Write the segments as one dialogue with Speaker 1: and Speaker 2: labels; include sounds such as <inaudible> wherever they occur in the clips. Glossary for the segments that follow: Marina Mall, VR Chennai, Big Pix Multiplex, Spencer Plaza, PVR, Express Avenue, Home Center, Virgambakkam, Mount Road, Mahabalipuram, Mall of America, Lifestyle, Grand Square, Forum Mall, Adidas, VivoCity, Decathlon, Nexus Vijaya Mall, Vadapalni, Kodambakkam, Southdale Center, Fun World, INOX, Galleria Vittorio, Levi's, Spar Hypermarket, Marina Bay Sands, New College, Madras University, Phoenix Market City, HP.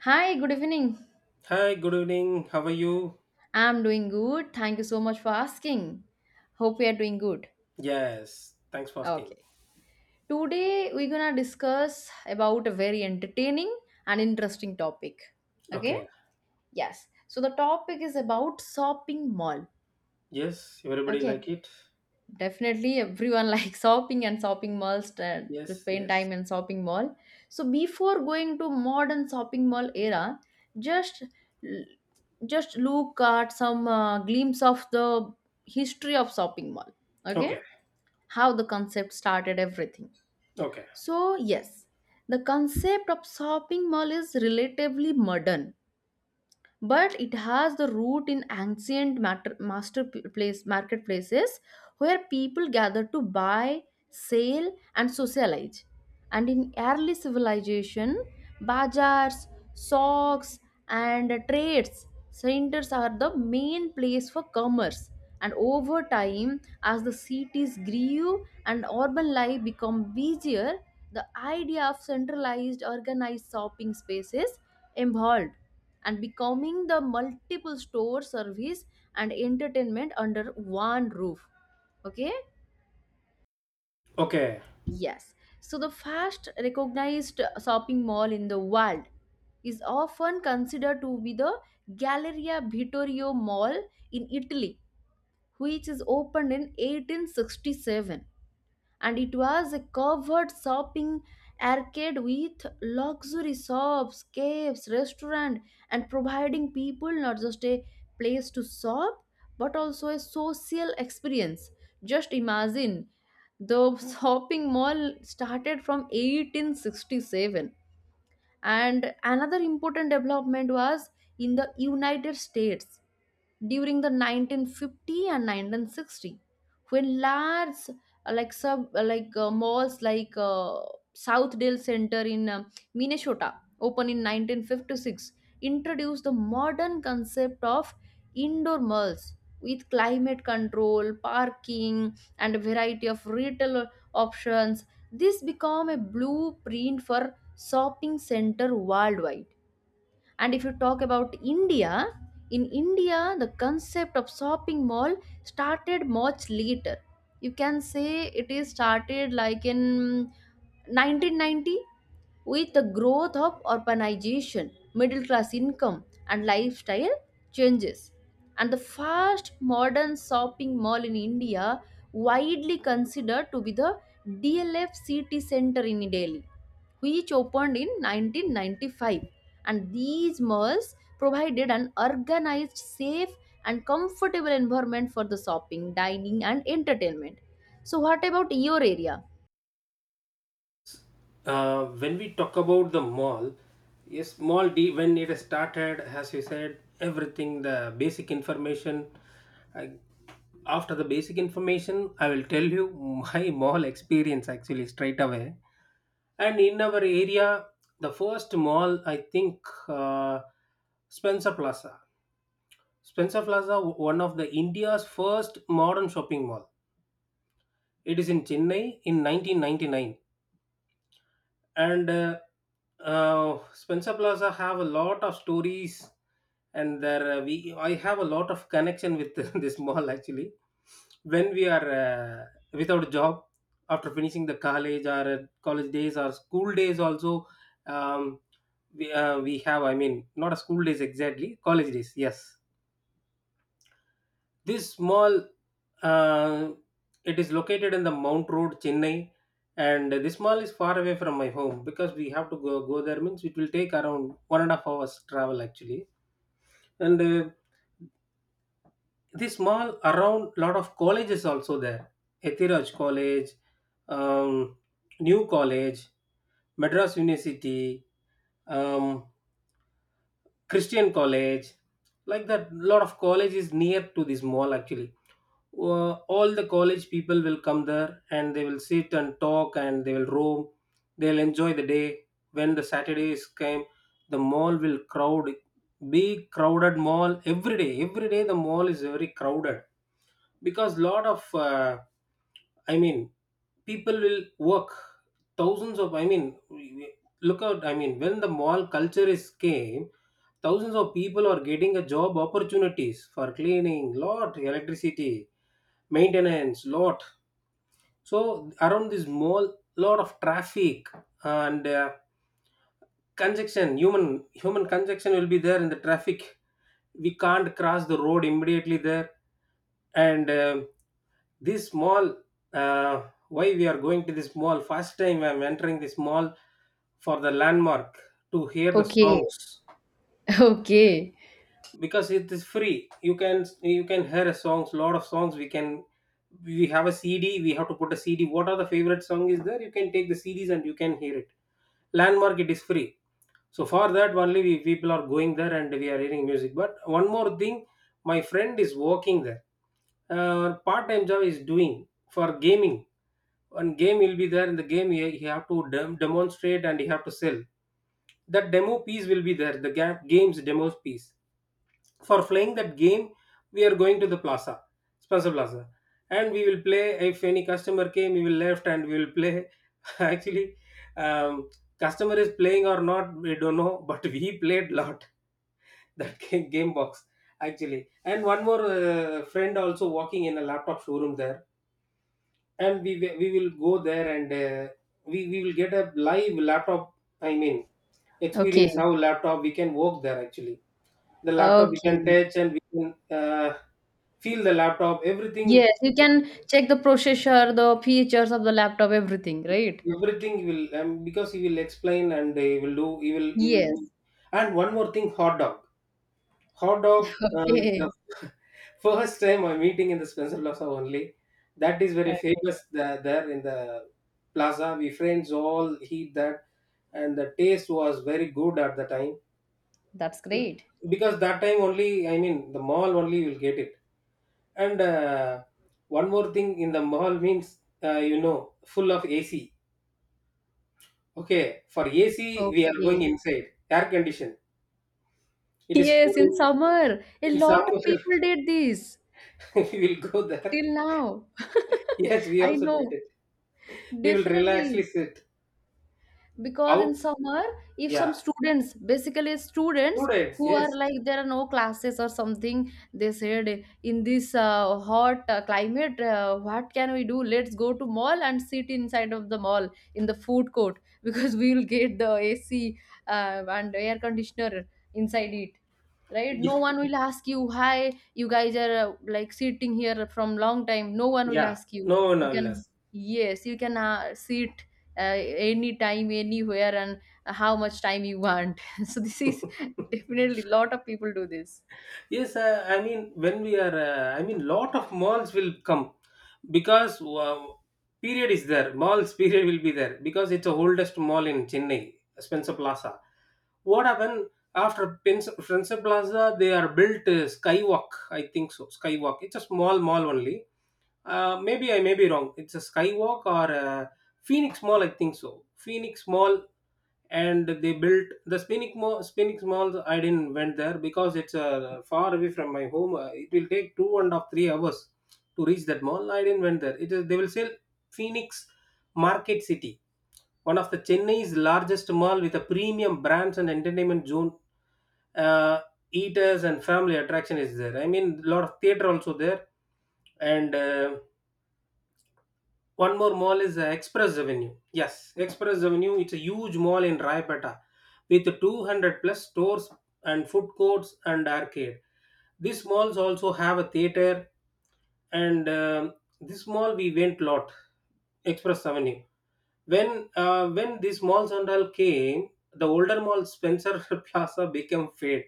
Speaker 1: Hi, good evening.
Speaker 2: Hi, good evening. How are you?
Speaker 1: I'm doing good. Thank you so much for asking. Hope we are doing good.
Speaker 2: Yes, thanks for asking.
Speaker 1: Okay. Today we're gonna discuss about a very entertaining and interesting topic. Okay?
Speaker 2: Okay.
Speaker 1: Yes. So the topic is about shopping mall.
Speaker 2: Yes, everybody like
Speaker 1: Okay.
Speaker 2: it?
Speaker 1: Definitely, everyone <laughs> likes shopping and shopping malls to
Speaker 2: Yes,
Speaker 1: spend
Speaker 2: yes.
Speaker 1: time in shopping mall. So before going to modern shopping mall era, just just look at some glimpse of the history of shopping mall. Okay,
Speaker 2: Okay,
Speaker 1: how the concept started, everything.
Speaker 2: okay,
Speaker 1: So yes, the concept of shopping mall is relatively modern but it has the root in ancient place marketplaces where people gather to buy sell and socialize, and in early civilization bazaars, socks and trades centers are the main place for commerce, and over time as the cities grew and urban life become busier the idea of centralized organized shopping spaces evolved and becoming the multiple store service and entertainment under one roof. Okay.
Speaker 2: okay.
Speaker 1: Yes. So the first recognized shopping mall in the world is often considered to be the Galleria Vittorio Mall in Italy, which is opened in 1867. And it was a covered shopping arcade with luxury shops, caves, restaurant, and providing people not just a place to shop but also a social experience. Just imagine, the shopping mall started from 1867, and another important development was in the United States during the 1950 and 1960 when large like sub like malls like Southdale Center in Minnesota opened in 1956 introduced the modern concept of indoor malls with climate control parking and a variety of retail options. This became a blueprint for shopping center worldwide. And if you talk about India, in India, the concept of shopping mall started much later. You can say it is started like in 1990 with the growth of urbanization, middle class income and lifestyle changes, and the first modern shopping mall in India, widely considered to be the DLF City Center in Delhi, which opened in 1995. And these malls provided an organized, safe, and comfortable environment for the shopping, dining, and entertainment. So, what about your area?
Speaker 2: When we talk about the mall, yes, mall D when it started, as you said, everything the basic information. I, After the basic information, I will tell you my <laughs> mall experience actually straight away. And in our area, the first mall I think uh, Spencer Plaza. Spencer Plaza, one of the India's first modern shopping mall. It is in Chennai in 1999, and Spencer Plaza have a lot of stories, and there we I have a lot of connection with <laughs> this mall actually. When we are without a job after finishing the college or college days or school days also. Um, we have, I mean, not a school days exactly college days, yes. This mall, uh, it is located in the Mount Road, Chennai, and this mall is far away from my home because we have to go there. Means it will take around 1.5 hours travel actually. And this mall around lot of colleges also there. Ethiraj College, um, New College, Madras University, um, Christian College, like that. Lot of colleges near to this mall actually. All the college people will come there and they will sit and talk and they will roam, they'll enjoy the day. When the Saturdays came, the mall will crowd, big crowded mall. Every day, every day the mall is very crowded because lot of I mean, people will work thousands of. I mean, look out. I mean, when the mall culture is came, thousands of people are getting a job opportunities for cleaning, lot electricity, maintenance, lot. So around this mall lot of traffic and congestion, human congestion will be there in the traffic, we can't cross the road immediately there. And this mall, uh, why we are going to this mall, first time I'm entering this mall, for the landmark, to hear the
Speaker 1: Okay.
Speaker 2: songs,
Speaker 1: <laughs> Okay.
Speaker 2: because it is free. You can you can hear songs, lot of songs we can. We have a CD, we have to put a CD, what are the favorite song is there, you can take the CDs and you can hear it. Landmark, it is free. So for that only we people are going there and we are hearing music. But one more thing, my friend is working there, part-time job is doing for gaming. One game will be there, in the game he have to demonstrate and he have to sell. That demo piece will be there, the games demo piece. For playing that game we are going to the plaza, Spencer Plaza, and we will play. If any customer came we will left, and we will play <laughs> actually. um, Customer is playing or not we don't know, but <laughs> we played lot <laughs> that game, game box actually. And one more friend also working in a laptop showroom there, and we will go there and we will get a live laptop, I mean,
Speaker 1: Okay.
Speaker 2: experience how laptop we can work there actually. The laptop we can
Speaker 1: Okay.
Speaker 2: touch and we can feel the laptop, everything we.
Speaker 1: Yes, you can check the processor, the features of the laptop, everything, right?
Speaker 2: Everything you will, because he will explain and he will do, he will
Speaker 1: Yes.
Speaker 2: do. And one more thing, hot dog.
Speaker 1: <laughs>
Speaker 2: Is the
Speaker 1: Okay.
Speaker 2: <laughs> first time I'm meeting in the Spencer Plaza only. That is very
Speaker 1: Okay.
Speaker 2: famous there in the plaza we friends all eat that, and the taste was very good at the time
Speaker 1: That's great.
Speaker 2: because that time only, I mean, the mall only will get it. And one more thing in the mall means, full of AC. Okay, for AC, we are going
Speaker 1: Okay.
Speaker 2: inside, air condition. It is cool
Speaker 1: Yes, in
Speaker 2: in,
Speaker 1: summer, a
Speaker 2: in summer.
Speaker 1: lot of people did this
Speaker 2: <laughs> We will go there.
Speaker 1: till now.
Speaker 2: Yes,
Speaker 1: <laughs>
Speaker 2: we
Speaker 1: I
Speaker 2: also did
Speaker 1: know.
Speaker 2: it. We will relaxly
Speaker 1: Definitely.
Speaker 2: sit
Speaker 1: Because
Speaker 2: out.
Speaker 1: in summer if some
Speaker 2: Yeah,
Speaker 1: students, basically students
Speaker 2: students,
Speaker 1: who are
Speaker 2: yes.
Speaker 1: like there are no classes or something, they said in this hot climate, what can we do, let's go to mall and sit inside of the mall in the food court <laughs> because we will get the AC and air conditioner inside it, right?
Speaker 2: Yeah,
Speaker 1: No one will ask you, hi, you guys are like sitting here from long time, no one will
Speaker 2: yeah.
Speaker 1: ask you.
Speaker 2: No one
Speaker 1: You
Speaker 2: will
Speaker 1: can,
Speaker 2: us.
Speaker 1: yes, you can sit uh, any time anywhere, and how much time you want. <laughs> So this is definitely lot of people do this.
Speaker 2: Yes, I mean, when we are I mean, lot of malls will come because period is there, malls <laughs> period will be there, because it's the oldest mall in Chennai, Spencer Plaza. What happened after Spencer Plaza, they are built Skywalk, I think so, Skywalk, it's a small mall only. Maybe I may be wrong. It's a Skywalk or a Phoenix Mall, I think so. Phoenix Mall, and they built the Phoenix Mall. Phoenix Mall, I didn't went there because it's far away from my home. It will take 2.5, 3 hours to reach that mall. I didn't went there. It is they will sell Phoenix Market City, one of the Chennai's largest mall with a premium brands and entertainment zone. Uh, Eaters and family attraction is there. I mean, lot of theater also there. And one more mall is Express Avenue. Yes, Express Avenue, it's a huge mall in Raipeta with 200 plus stores and food courts and arcade. These malls also have a theater. And this mall we went lot, Express Avenue. When these malls and all came, the older mall Spencer <laughs> Plaza became fade,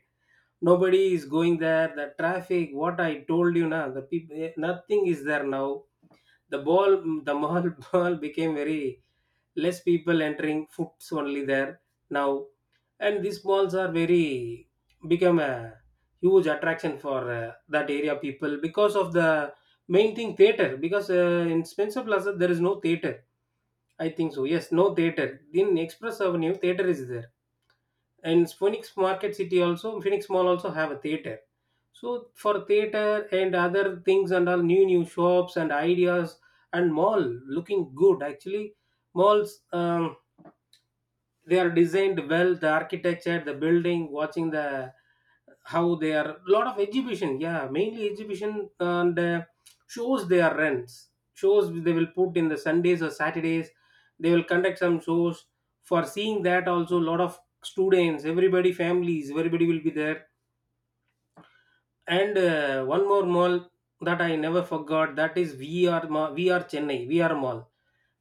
Speaker 2: nobody is going there. The traffic what I told you, now the people, nothing is there now. The ball the mall <laughs> mall became very less people entering, foots only there now. And these malls are very, become a huge attraction for that area people because of the main thing theater, because in Spencer Plaza there is no theater, I think so. Yes, no theater. In Express Avenue theater is there, and Phoenix Market City also, Phoenix Mall also have a theater. So for theater and other things and all, new new shops and ideas, and mall looking good actually. Malls, they are designed well, the architecture, the building watching, the how they are, lot of exhibition, yeah, mainly exhibition. And shows, they are rents shows, they will put in the Sundays or Saturdays, they will conduct some shows. For seeing that also lot of students, everybody, families, everybody will be there. And one more mall that I never forgot, that is VR Mall, VR Chennai, VR Mall.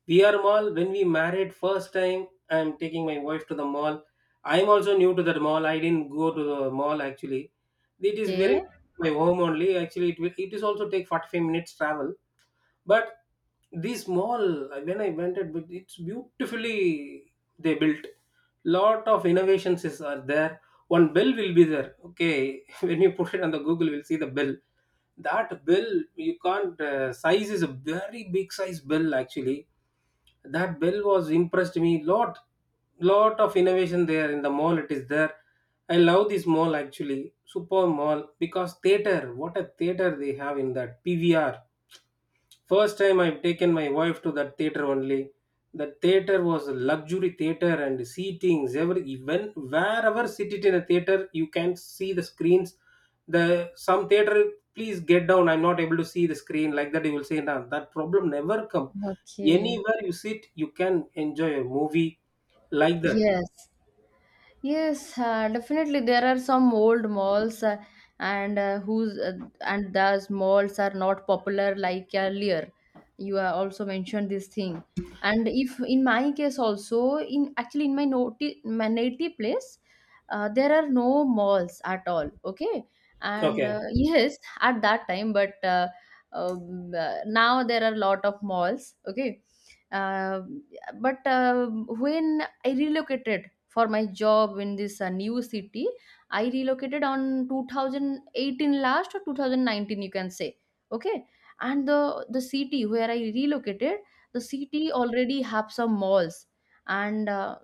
Speaker 2: VR Mall, when we married first time, I'm taking my wife to the mall. I'm also new to that mall, I didn't go to the mall actually. It is very
Speaker 1: Okay.
Speaker 2: my home only. Actually, it is also take 45 minutes travel, but these mall, when I went it, but it's beautifully they built, lot of innovations is are there. One bell will be there, okay, <laughs> when you put it on the Google you'll see the bell, that bell you can't, size is a very big size bell actually. That bell was impressed me lot, lot of innovation there in the mall it is there. I love this mall actually, super mall, because theater, what a theater they have in that PVR. First time I've taken my wife to that theater only. The theater was a luxury theater and seatings, every, even wherever seated in a theater you can see the screens. The some theater, please get down, I'm not able to see the screen like that, you will say, nah, that problem never come.
Speaker 1: Okay.
Speaker 2: Anywhere you sit, you can enjoy a movie, like that.
Speaker 1: Yes. Yes, definitely. There are some old malls, and uh, whose uh, and those malls are not popular like earlier. You also mentioned this thing, and if in my case also, in my my native place, there are no malls at all. Okay, and
Speaker 2: Okay.
Speaker 1: <laughs> yes, at that time, but now there are lot of malls. Okay, uh, but when I relocated for my job in this new city. I relocated on 2018 last or 2019, you can say. Okay, and the city where I relocated, the city already have some malls, and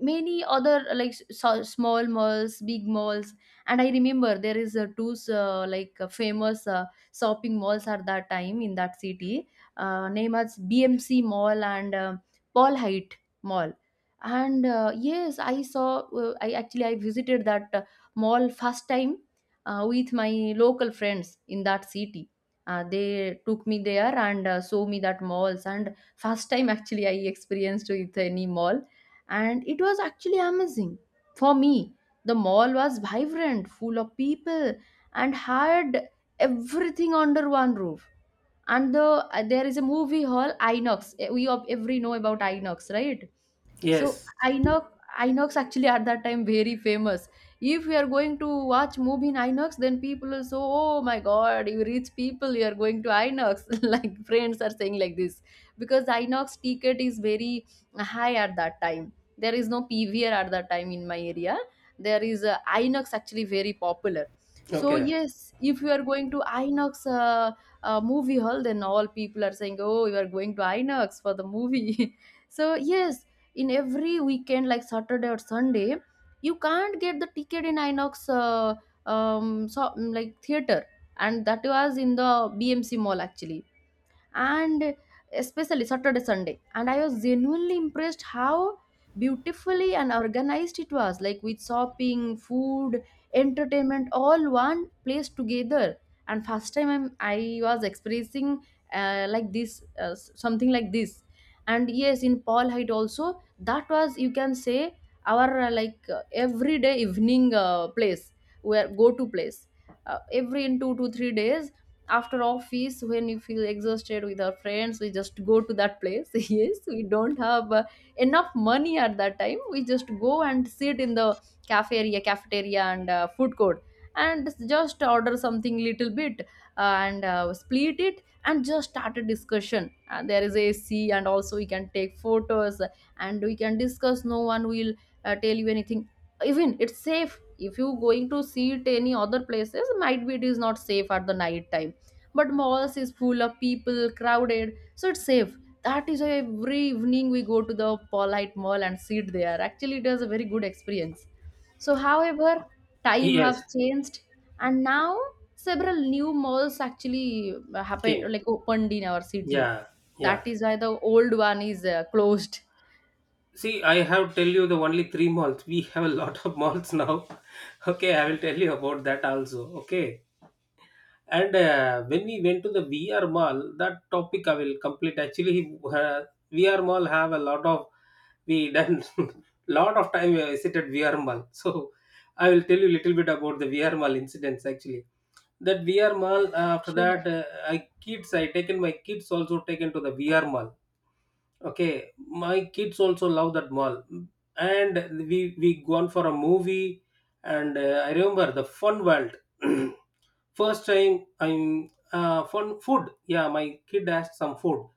Speaker 1: many other small malls, big malls. And I remember there is a two famous shopping malls at that time in that city, name as BMC Mall and Paul Height Mall. And yes, I saw I actually I visited that mall first time with my local friends in that city. They took me there and show me that malls, and first time actually I experienced with any mall. And it was actually amazing for me. The mall was vibrant, full of people, and had everything under one roof. And there is a movie hall, Inox. Eh, every know about Inox, right? So
Speaker 2: Yes.
Speaker 1: Inox, Inox actually at that time very famous. If you are going to watch movie in Inox then people will say, oh my god, you rich people, you are going to Inox. <laughs> Like friends are saying like this because Inox ticket is very high at that time. There is no PVR at that time in my area. There is a Inox actually very popular. So
Speaker 2: Okay.
Speaker 1: yes, if you are going to Inox movie hall, then all people are saying, oh, you are going to Inox for the movie. <laughs> So yes, in every weekend like Saturday or Sunday, you can't get the ticket in Inox so, like theater. And that was in the BMC Mall actually, and especially Saturday, Sunday. And I was genuinely impressed how beautifully and organized it was, like with shopping, food, entertainment, all one place together. And first time I was experiencing like this, something like this. And yes, in Paul Height also, that was you can say our everyday evening place, where go to place, every in 2 to 3 days after office when you feel exhausted with our friends, we just go to that place. <laughs> Yes, we don't have enough money at that time, we just go and sit in the cafe area, cafeteria and food court, and just order something little bit, and split it and just start a discussion, and there is AC and also we can take photos and we can discuss, no one will tell you anything. Even it's safe, if you going to see it any other places, might be it is not safe at the night time, but malls is full of people, crowded, so it's safe. That is why every evening we go to the Polite Mall and sit there. Actually it was a very good experience. So however, time have
Speaker 2: Yes.
Speaker 1: changed, and now several new malls actually happen,
Speaker 2: Okay.
Speaker 1: like opened in our city.
Speaker 2: Yeah. Yeah.
Speaker 1: That is why the old one is closed.
Speaker 2: See, I have tell you the only three malls. We have a lot of malls now. <laughs> Okay, I will tell you about that also. Okay, and when we went to the VR mall, that topic I will complete. Actually, <laughs> uh, VR mall have a lot of, we done <laughs> lot of time I visited VR mall. <laughs> So I will tell you little bit about the VR mall incidents actually. That VR mall after that,
Speaker 1: Sure.
Speaker 2: I taken my kids also taken to the VR mall. Okay, my kids also love that mall, and we gone for a movie, and I remember the Fun World. <clears throat> First time I'm fun food. Yeah, my kid asked some food.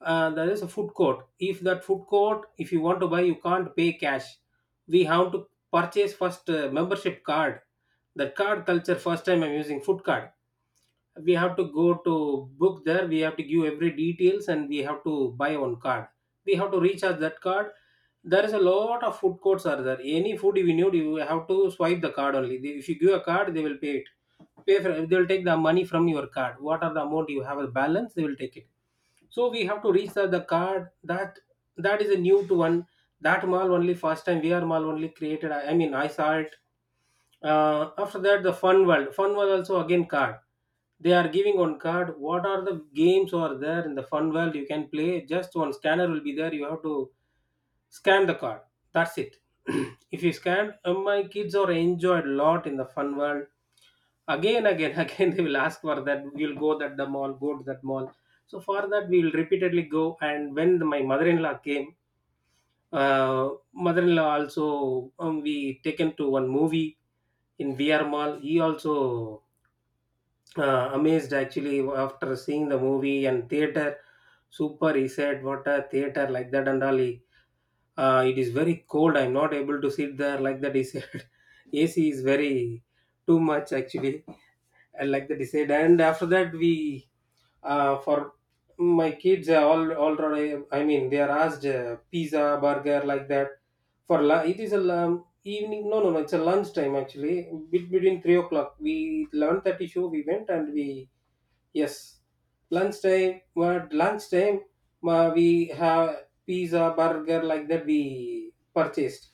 Speaker 2: There is a food court. If that food court, if you want to buy, you can't pay cash. We have to purchase first membership card. That card culture. First time I'm using food card. We have to go to book there, we have to give every details, and we have to buy one card. We have to recharge that card. There is a lot of food courts are there. Any food you need, you have to swipe the card only. If you give a card, they will pay it, pay for, they will take the money from your card. What are the amount you have a balance, they will take it. So we have to reach the card that, that is a new to one. That mall only first time VR mall only created, I mean I saw it. After that the fun world, fun world also again card. They are giving on card. What are the games are there in the fun world, you can play. Just one scanner will be there, you have to scan the card. That's it. <clears throat> If you scan, my kids are enjoyed a lot in the fun world. Again, <laughs> again they will ask for that. We'll go that the mall, go to that mall. So for that we will repeatedly go. And my mother-in-law came, mother-in-law also, we taken to one movie in VR mall. He also amazed actually after seeing the movie and theater. Super, he said. What a theater like that and all. He, it is very cold. I'm not able to sit there like that, he said. <laughs> AC is very too much actually. And like that he said. And after that we, for my kids are all already, I mean they are asked pizza, burger like that. It is a, evening, no, it's a lunch time actually, between 3 o'clock. We 11:30 show we went, and we, yes, lunchtime. At lunchtime, we have pizza, burger like that. We purchased.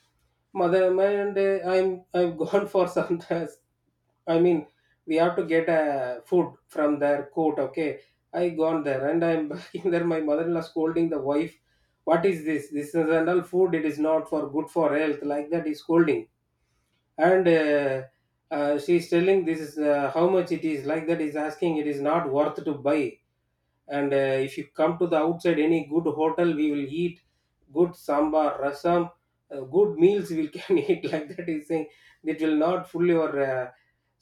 Speaker 2: Mother, my and I'm <laughs> gone for some times. I mean, we have to get food from their court. Okay, I gone there and I'm <laughs> back in there. My mother-in-law scolding the wife. What is this? This is and all food. It is not for good for health. Like that, is scolding. And She's telling, this is how much it is, like that is asking, it is not worth to buy. And If you come to the outside any good hotel, we will eat good sambar rasam, good meals we can <laughs> eat, like that is saying. It will not full your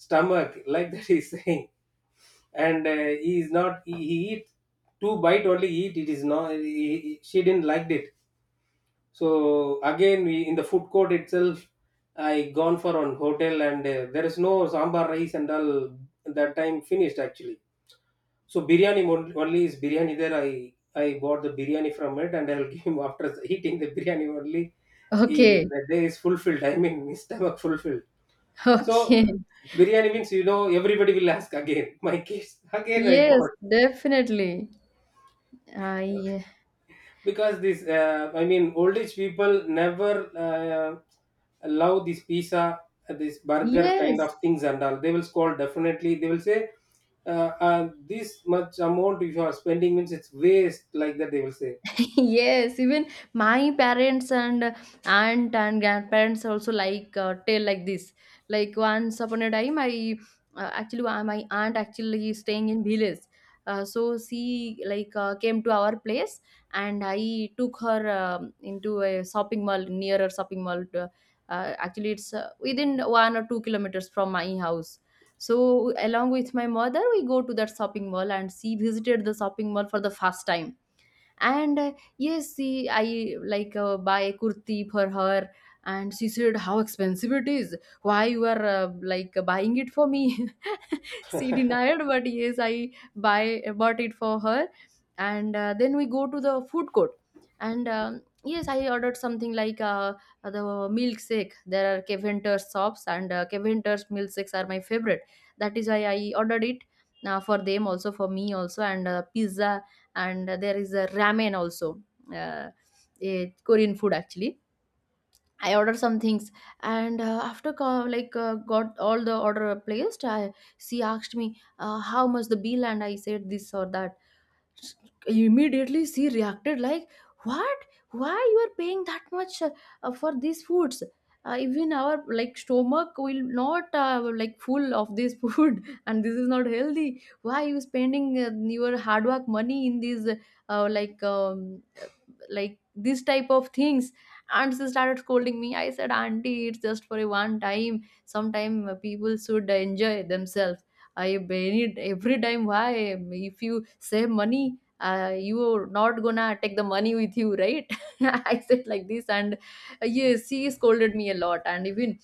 Speaker 2: stomach, like that is saying. And he is not he, he eat two bite only eat. It is not, she didn't like it. So again, we in the food court itself, I gone for on hotel, and there is no sambar rice and all. That time finished actually. So biryani, only is biryani there. I bought the biryani from it, and I'll <laughs> give him, after eating the biryani only. He,
Speaker 1: Okay.
Speaker 2: the day is fulfilled. I mean, his stomach fulfilled.
Speaker 1: <laughs>
Speaker 2: So
Speaker 1: Okay.
Speaker 2: biryani means, you know, everybody will ask again. <laughs> My kids again I
Speaker 1: Yes.
Speaker 2: bought.
Speaker 1: Definitely. I.
Speaker 2: Because this, I mean, old age people never uh, allow this pizza, this burger kind
Speaker 1: Yes.
Speaker 2: of things and all. They will scold, definitely they will say, this much amount if you are spending means it's waste, like that they will say.
Speaker 1: <laughs> Yes, even my parents and aunt and grandparents also like tell like this. Like once upon a time, I, actually my aunt actually is staying in village, so she like came to our place, and I took her into a shopping mall, nearer shopping mall to, actually it's within 1 or 2 kilometers from my house. So along with my mother we go to that shopping mall, and she visited the shopping mall for the first time. And yes, see I like buy a kurti for her, and she said how expensive it is, why you are like buying it for me. <laughs> <laughs> She denied, but yes, I buy bought it for her. And then we go to the food court. And yes, I ordered something like the milkshake. There are Caventer's shops and Caventer's milkshakes are my favorite. That is why I ordered it for them also, for me also, and pizza. And there is a ramen also, uh, a Korean food actually. I ordered some things, and after co- like got all the order placed. I, she asked me how much the bill, and I said this or that. Immediately, she reacted like, "What? Why you are paying that much for these foods? Even our like stomach will not like full of this <laughs> food, and this is not healthy. Why you spending your hard work money in these like?" Like this type of things, and she started scolding me. I said, auntie, it's just for a one time, sometime people should enjoy themselves, I ban every time why, if you save money you're not gonna take the money with you, right? <laughs> I said like this. And yes, she scolded me a lot. And even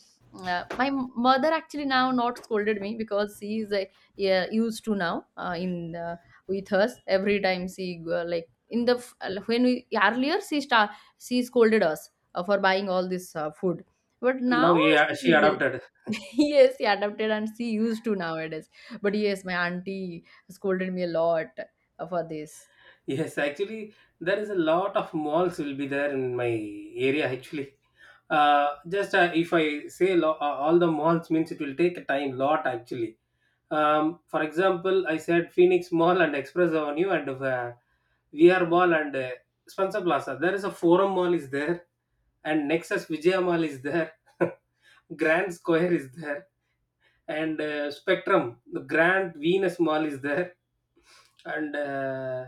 Speaker 1: my mother actually now not scolded me because she is, yeah, used to now in with us every time. She like in the when we earlier she scolded us for buying all this food, but
Speaker 2: No,
Speaker 1: now
Speaker 2: yeah,
Speaker 1: she
Speaker 2: she
Speaker 1: is
Speaker 2: adopted.
Speaker 1: <laughs> yes she adapted, and she used to nowadays. But yes, my auntie scolded me a lot for this.
Speaker 2: <laughs> Yes, actually there is a lot of malls will be there in my area actually. uh, just, if I say lo- all the malls means it will take a time lot actually. For example, I said Phoenix Mall and Express Avenue and VR Mall and Spencer Plaza. There is a Forum Mall is there, and Nexus Vijaya Mall is there. <laughs> Grand Square is there, and Spectrum, the Grand Venus Mall is there, and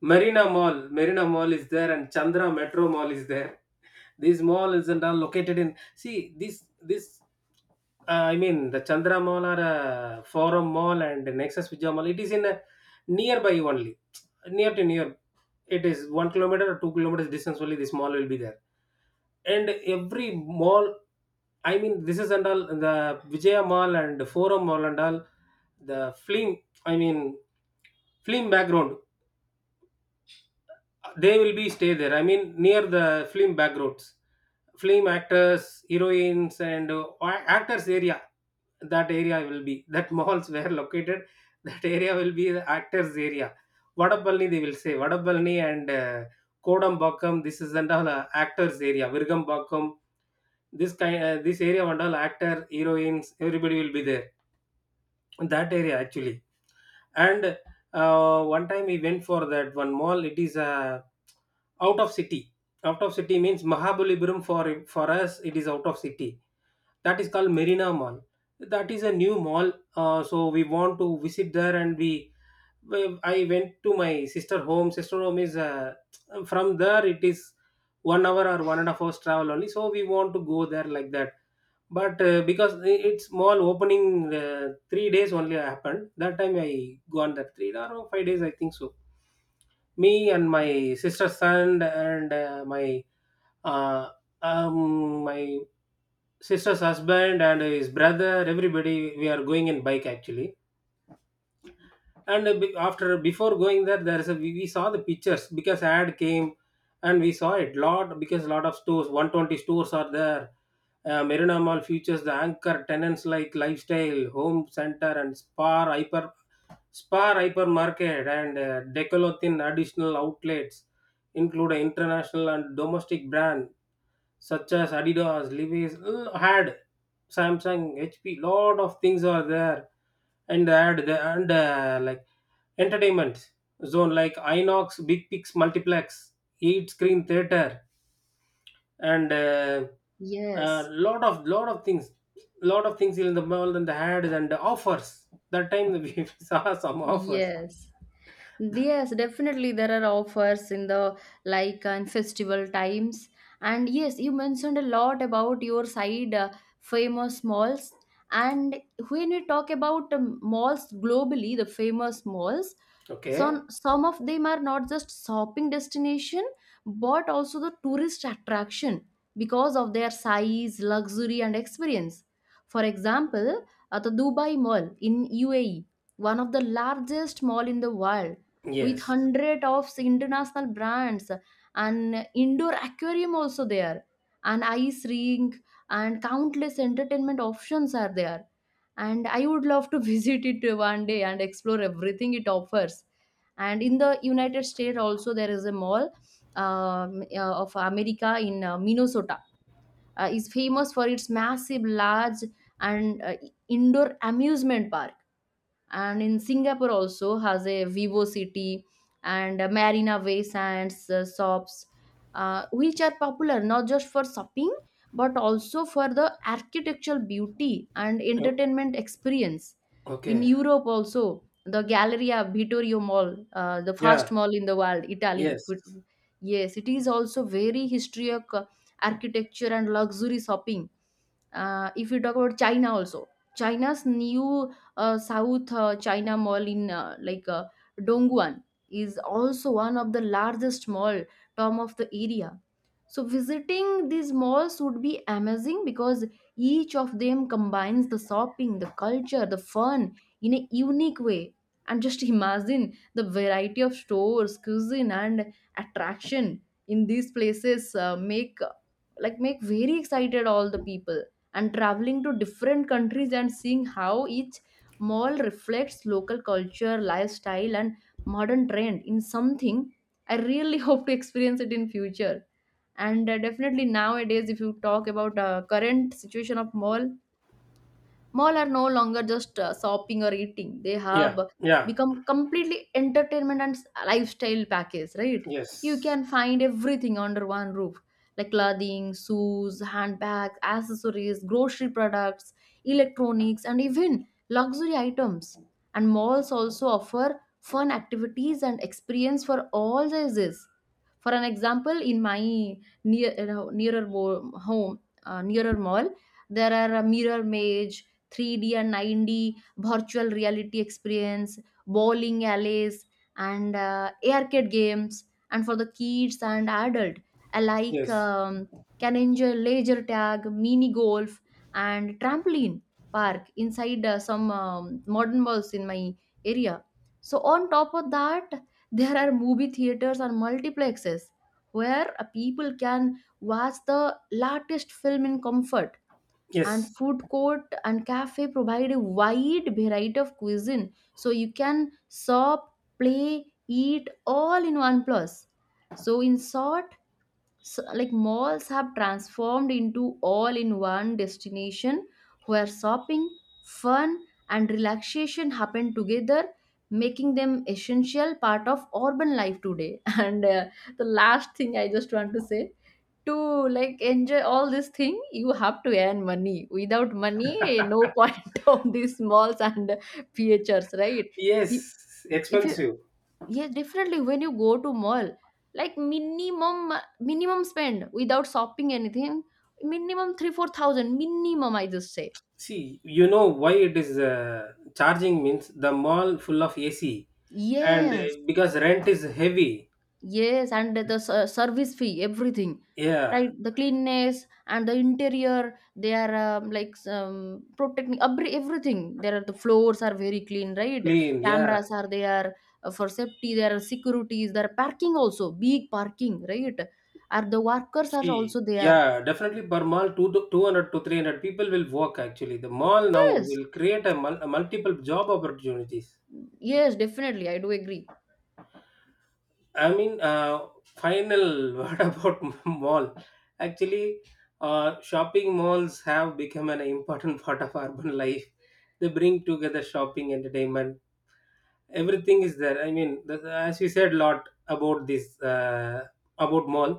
Speaker 2: Marina Mall is there, and Chandra Metro Mall is there. These malls and all located in, see this this I mean the Chandra Mall or Forum Mall and Nexus Vijay Mall. It is in a nearby only, near to near. It is 1 kilometer or 2 kilometers distance only this mall will be there. And every mall, I mean this is and all the Vijaya Mall and Forum Mall and all, the film, I mean film background, they will be stay there, I mean near the film backgrounds. Film actors, heroines, and actors area. That area will be that <laughs> malls were located, <laughs> that area will be the actors area. Vadapalni, they will say Vadapalni, and Kodambakkam, this is and all actors area, Virgambakkam. This kind, this area and all actor heroines everybody will be there, that area actually. And one time we went for that one mall. It is out of city. Out of city means Mahabalipuram. For us it is out of city. That is called Marina Mall. That is a new mall. So we want to visit there, and we, I went to my sister home. Sister home is from there. It is 1 hour or 1.5 hours travel only. So we want to go there like that. But its mall opening uh, 3 days only happened. That time I gone there 3 or 5 days I think so. Me and my sister's son and my uh, my sister's husband and his brother, everybody, we are going in bike actually. And be- after before going there, there is a, we saw the pictures because ad came. And we saw it lot, because lot of stores, 120 stores are there. Uh, Marina Mall features the anchor tenants like Lifestyle, Home Center, and Spar Hypermarket, and Decathlon. Additional outlets include an international and domestic brand such as Adidas, Levi's, l- had Samsung, HP, lot of things are there. And they had the, and like entertainment zone like Inox, Big Pix Multiplex, 8 screen theater, and a uh, uh,
Speaker 1: Yes.
Speaker 2: lot of lot of things, lot of things in the mall, and the ads and the offers. That time we <laughs> saw some offers.
Speaker 1: Yes. Yes, definitely there are offers in the like and festival times. And yes, you mentioned a lot about your side famous malls. And when you talk about malls globally, the famous malls,
Speaker 2: Okay.
Speaker 1: some of them are not just shopping destination, but also the tourist attraction because of their size, luxury, and experience. For example, at the Dubai Mall in UAE, one of the largest mall in the world with
Speaker 2: Yes.
Speaker 1: hundred of international brands and indoor aquarium also there and ice rink and countless entertainment options are there, and I would love to <laughs> visit it one day and explore everything it offers. And in the United States also there is a mall of America in Minnesota, is famous for its massive large and indoor amusement park. And in Singapore also has a vivo city and Marina Bay Sands shops, which are popular not just for shopping but also for the architectural beauty and
Speaker 2: O-
Speaker 1: entertainment experience. In
Speaker 2: Okay.
Speaker 1: Europe also the Galleria Vittorio mall, the first
Speaker 2: Yeah.
Speaker 1: mall in the world, Italy.
Speaker 2: Yes.
Speaker 1: Yes, it is also very historic architecture and luxury shopping. If you talk about China also, China's new South China Mall in Dongguan is also one of the largest mall, term of the area. So visiting these malls would be amazing because each of them combines the shopping, the culture, the fun in a unique way. And just <laughs> imagine the variety of stores, cuisine, and attraction in these places make like make very excited all the people, and traveling to different countries and seeing how each mall reflects local culture, lifestyle, and modern trend in something. I really <laughs> hope to experience it in future. And definitely nowadays, if you talk about current situation of mall, mall are no longer just shopping or eating. They have
Speaker 2: Yeah. Yeah.
Speaker 1: become completely entertainment and lifestyle package, right? You
Speaker 2: Yes.
Speaker 1: can find everything under one roof like clothing, shoes, handbags, accessories, grocery products, electronics, and even luxury items. And malls also offer fun activities and experience for all sizes. For an example, in my near, you know, home, nearer mall, there are a mirror maze, 3D and 9D virtual reality experience, bowling alleys, and arcade games. And for the kids and adult, alike
Speaker 2: Yes.
Speaker 1: can enjoy laser tag, mini golf, and trampoline park inside some modern malls in my area. So on top of that, there are movie theaters and multiplexes where people can watch the latest film in comfort, and
Speaker 2: Yes.
Speaker 1: food court and cafe provide a wide variety of cuisine, so you can shop, play, eat all in one plus. So in short, like malls have transformed into all in one destination where shopping, fun, and relaxation happen together, making them essential part of urban life today. <laughs> And the last thing I just want to say, to like enjoy all this thing you have to earn money. Without money, eh, no point <laughs> of these malls and phrs, right? You-
Speaker 2: Yes,
Speaker 1: if you,
Speaker 2: expensive.
Speaker 1: yes, definitely when you go to mall, like minimum, minimum spend without shopping anything, minimum 3-4,000 minimum, I just say.
Speaker 2: See, you know why it is charging means, the mall full of AC, and
Speaker 1: Yes,
Speaker 2: because rent is heavy.
Speaker 1: Yes, and the service fee, everything,
Speaker 2: Yeah,
Speaker 1: right? The cleanness and the interior, they are like protecting everything. There are the floors are very clean, right?
Speaker 2: clean. Yeah,
Speaker 1: Cameras are there for safety. There are securities. There are parking also, big parking, right? And the workers are
Speaker 2: see,
Speaker 1: also there.
Speaker 2: yeah, definitely per mall 2 to 200 to 300 people will work. Actually, the mall now
Speaker 1: Yes,
Speaker 2: will create a, a multiple job opportunities.
Speaker 1: yes, definitely, I do agree.
Speaker 2: I mean, final <laughs> word about mall. Actually, shopping malls have become an important <laughs> part of urban life. They bring together shopping, entertainment, everything is there. I mean as we said a lot about this, about mall.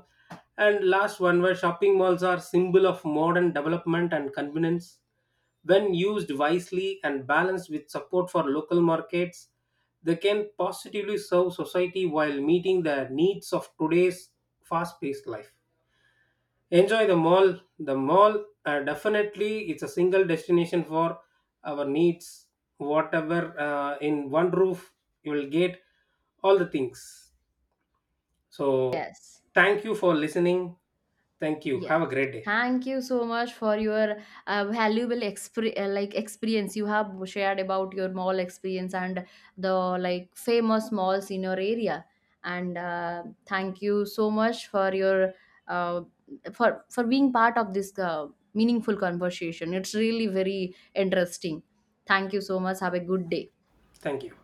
Speaker 2: And last one, where shopping malls are symbol of modern development and convenience, when used wisely and balanced with support for local markets, they can positively serve society while meeting the needs of today's fast-paced life. Enjoy the mall. The mall, definitely it's a single destination for our needs. Whatever, in one roof you will get all the things. So
Speaker 1: Yes.
Speaker 2: thank you for listening. Thank you, have a
Speaker 1: Yes.
Speaker 2: great day.
Speaker 1: Thank you so much for your valuable like experience you have shared about your mall experience and the like famous malls in your area. And thank you so much for your uh, for being part of this meaningful conversation. It's really very interesting. Thank you so much. Have a good day.
Speaker 2: Thank you.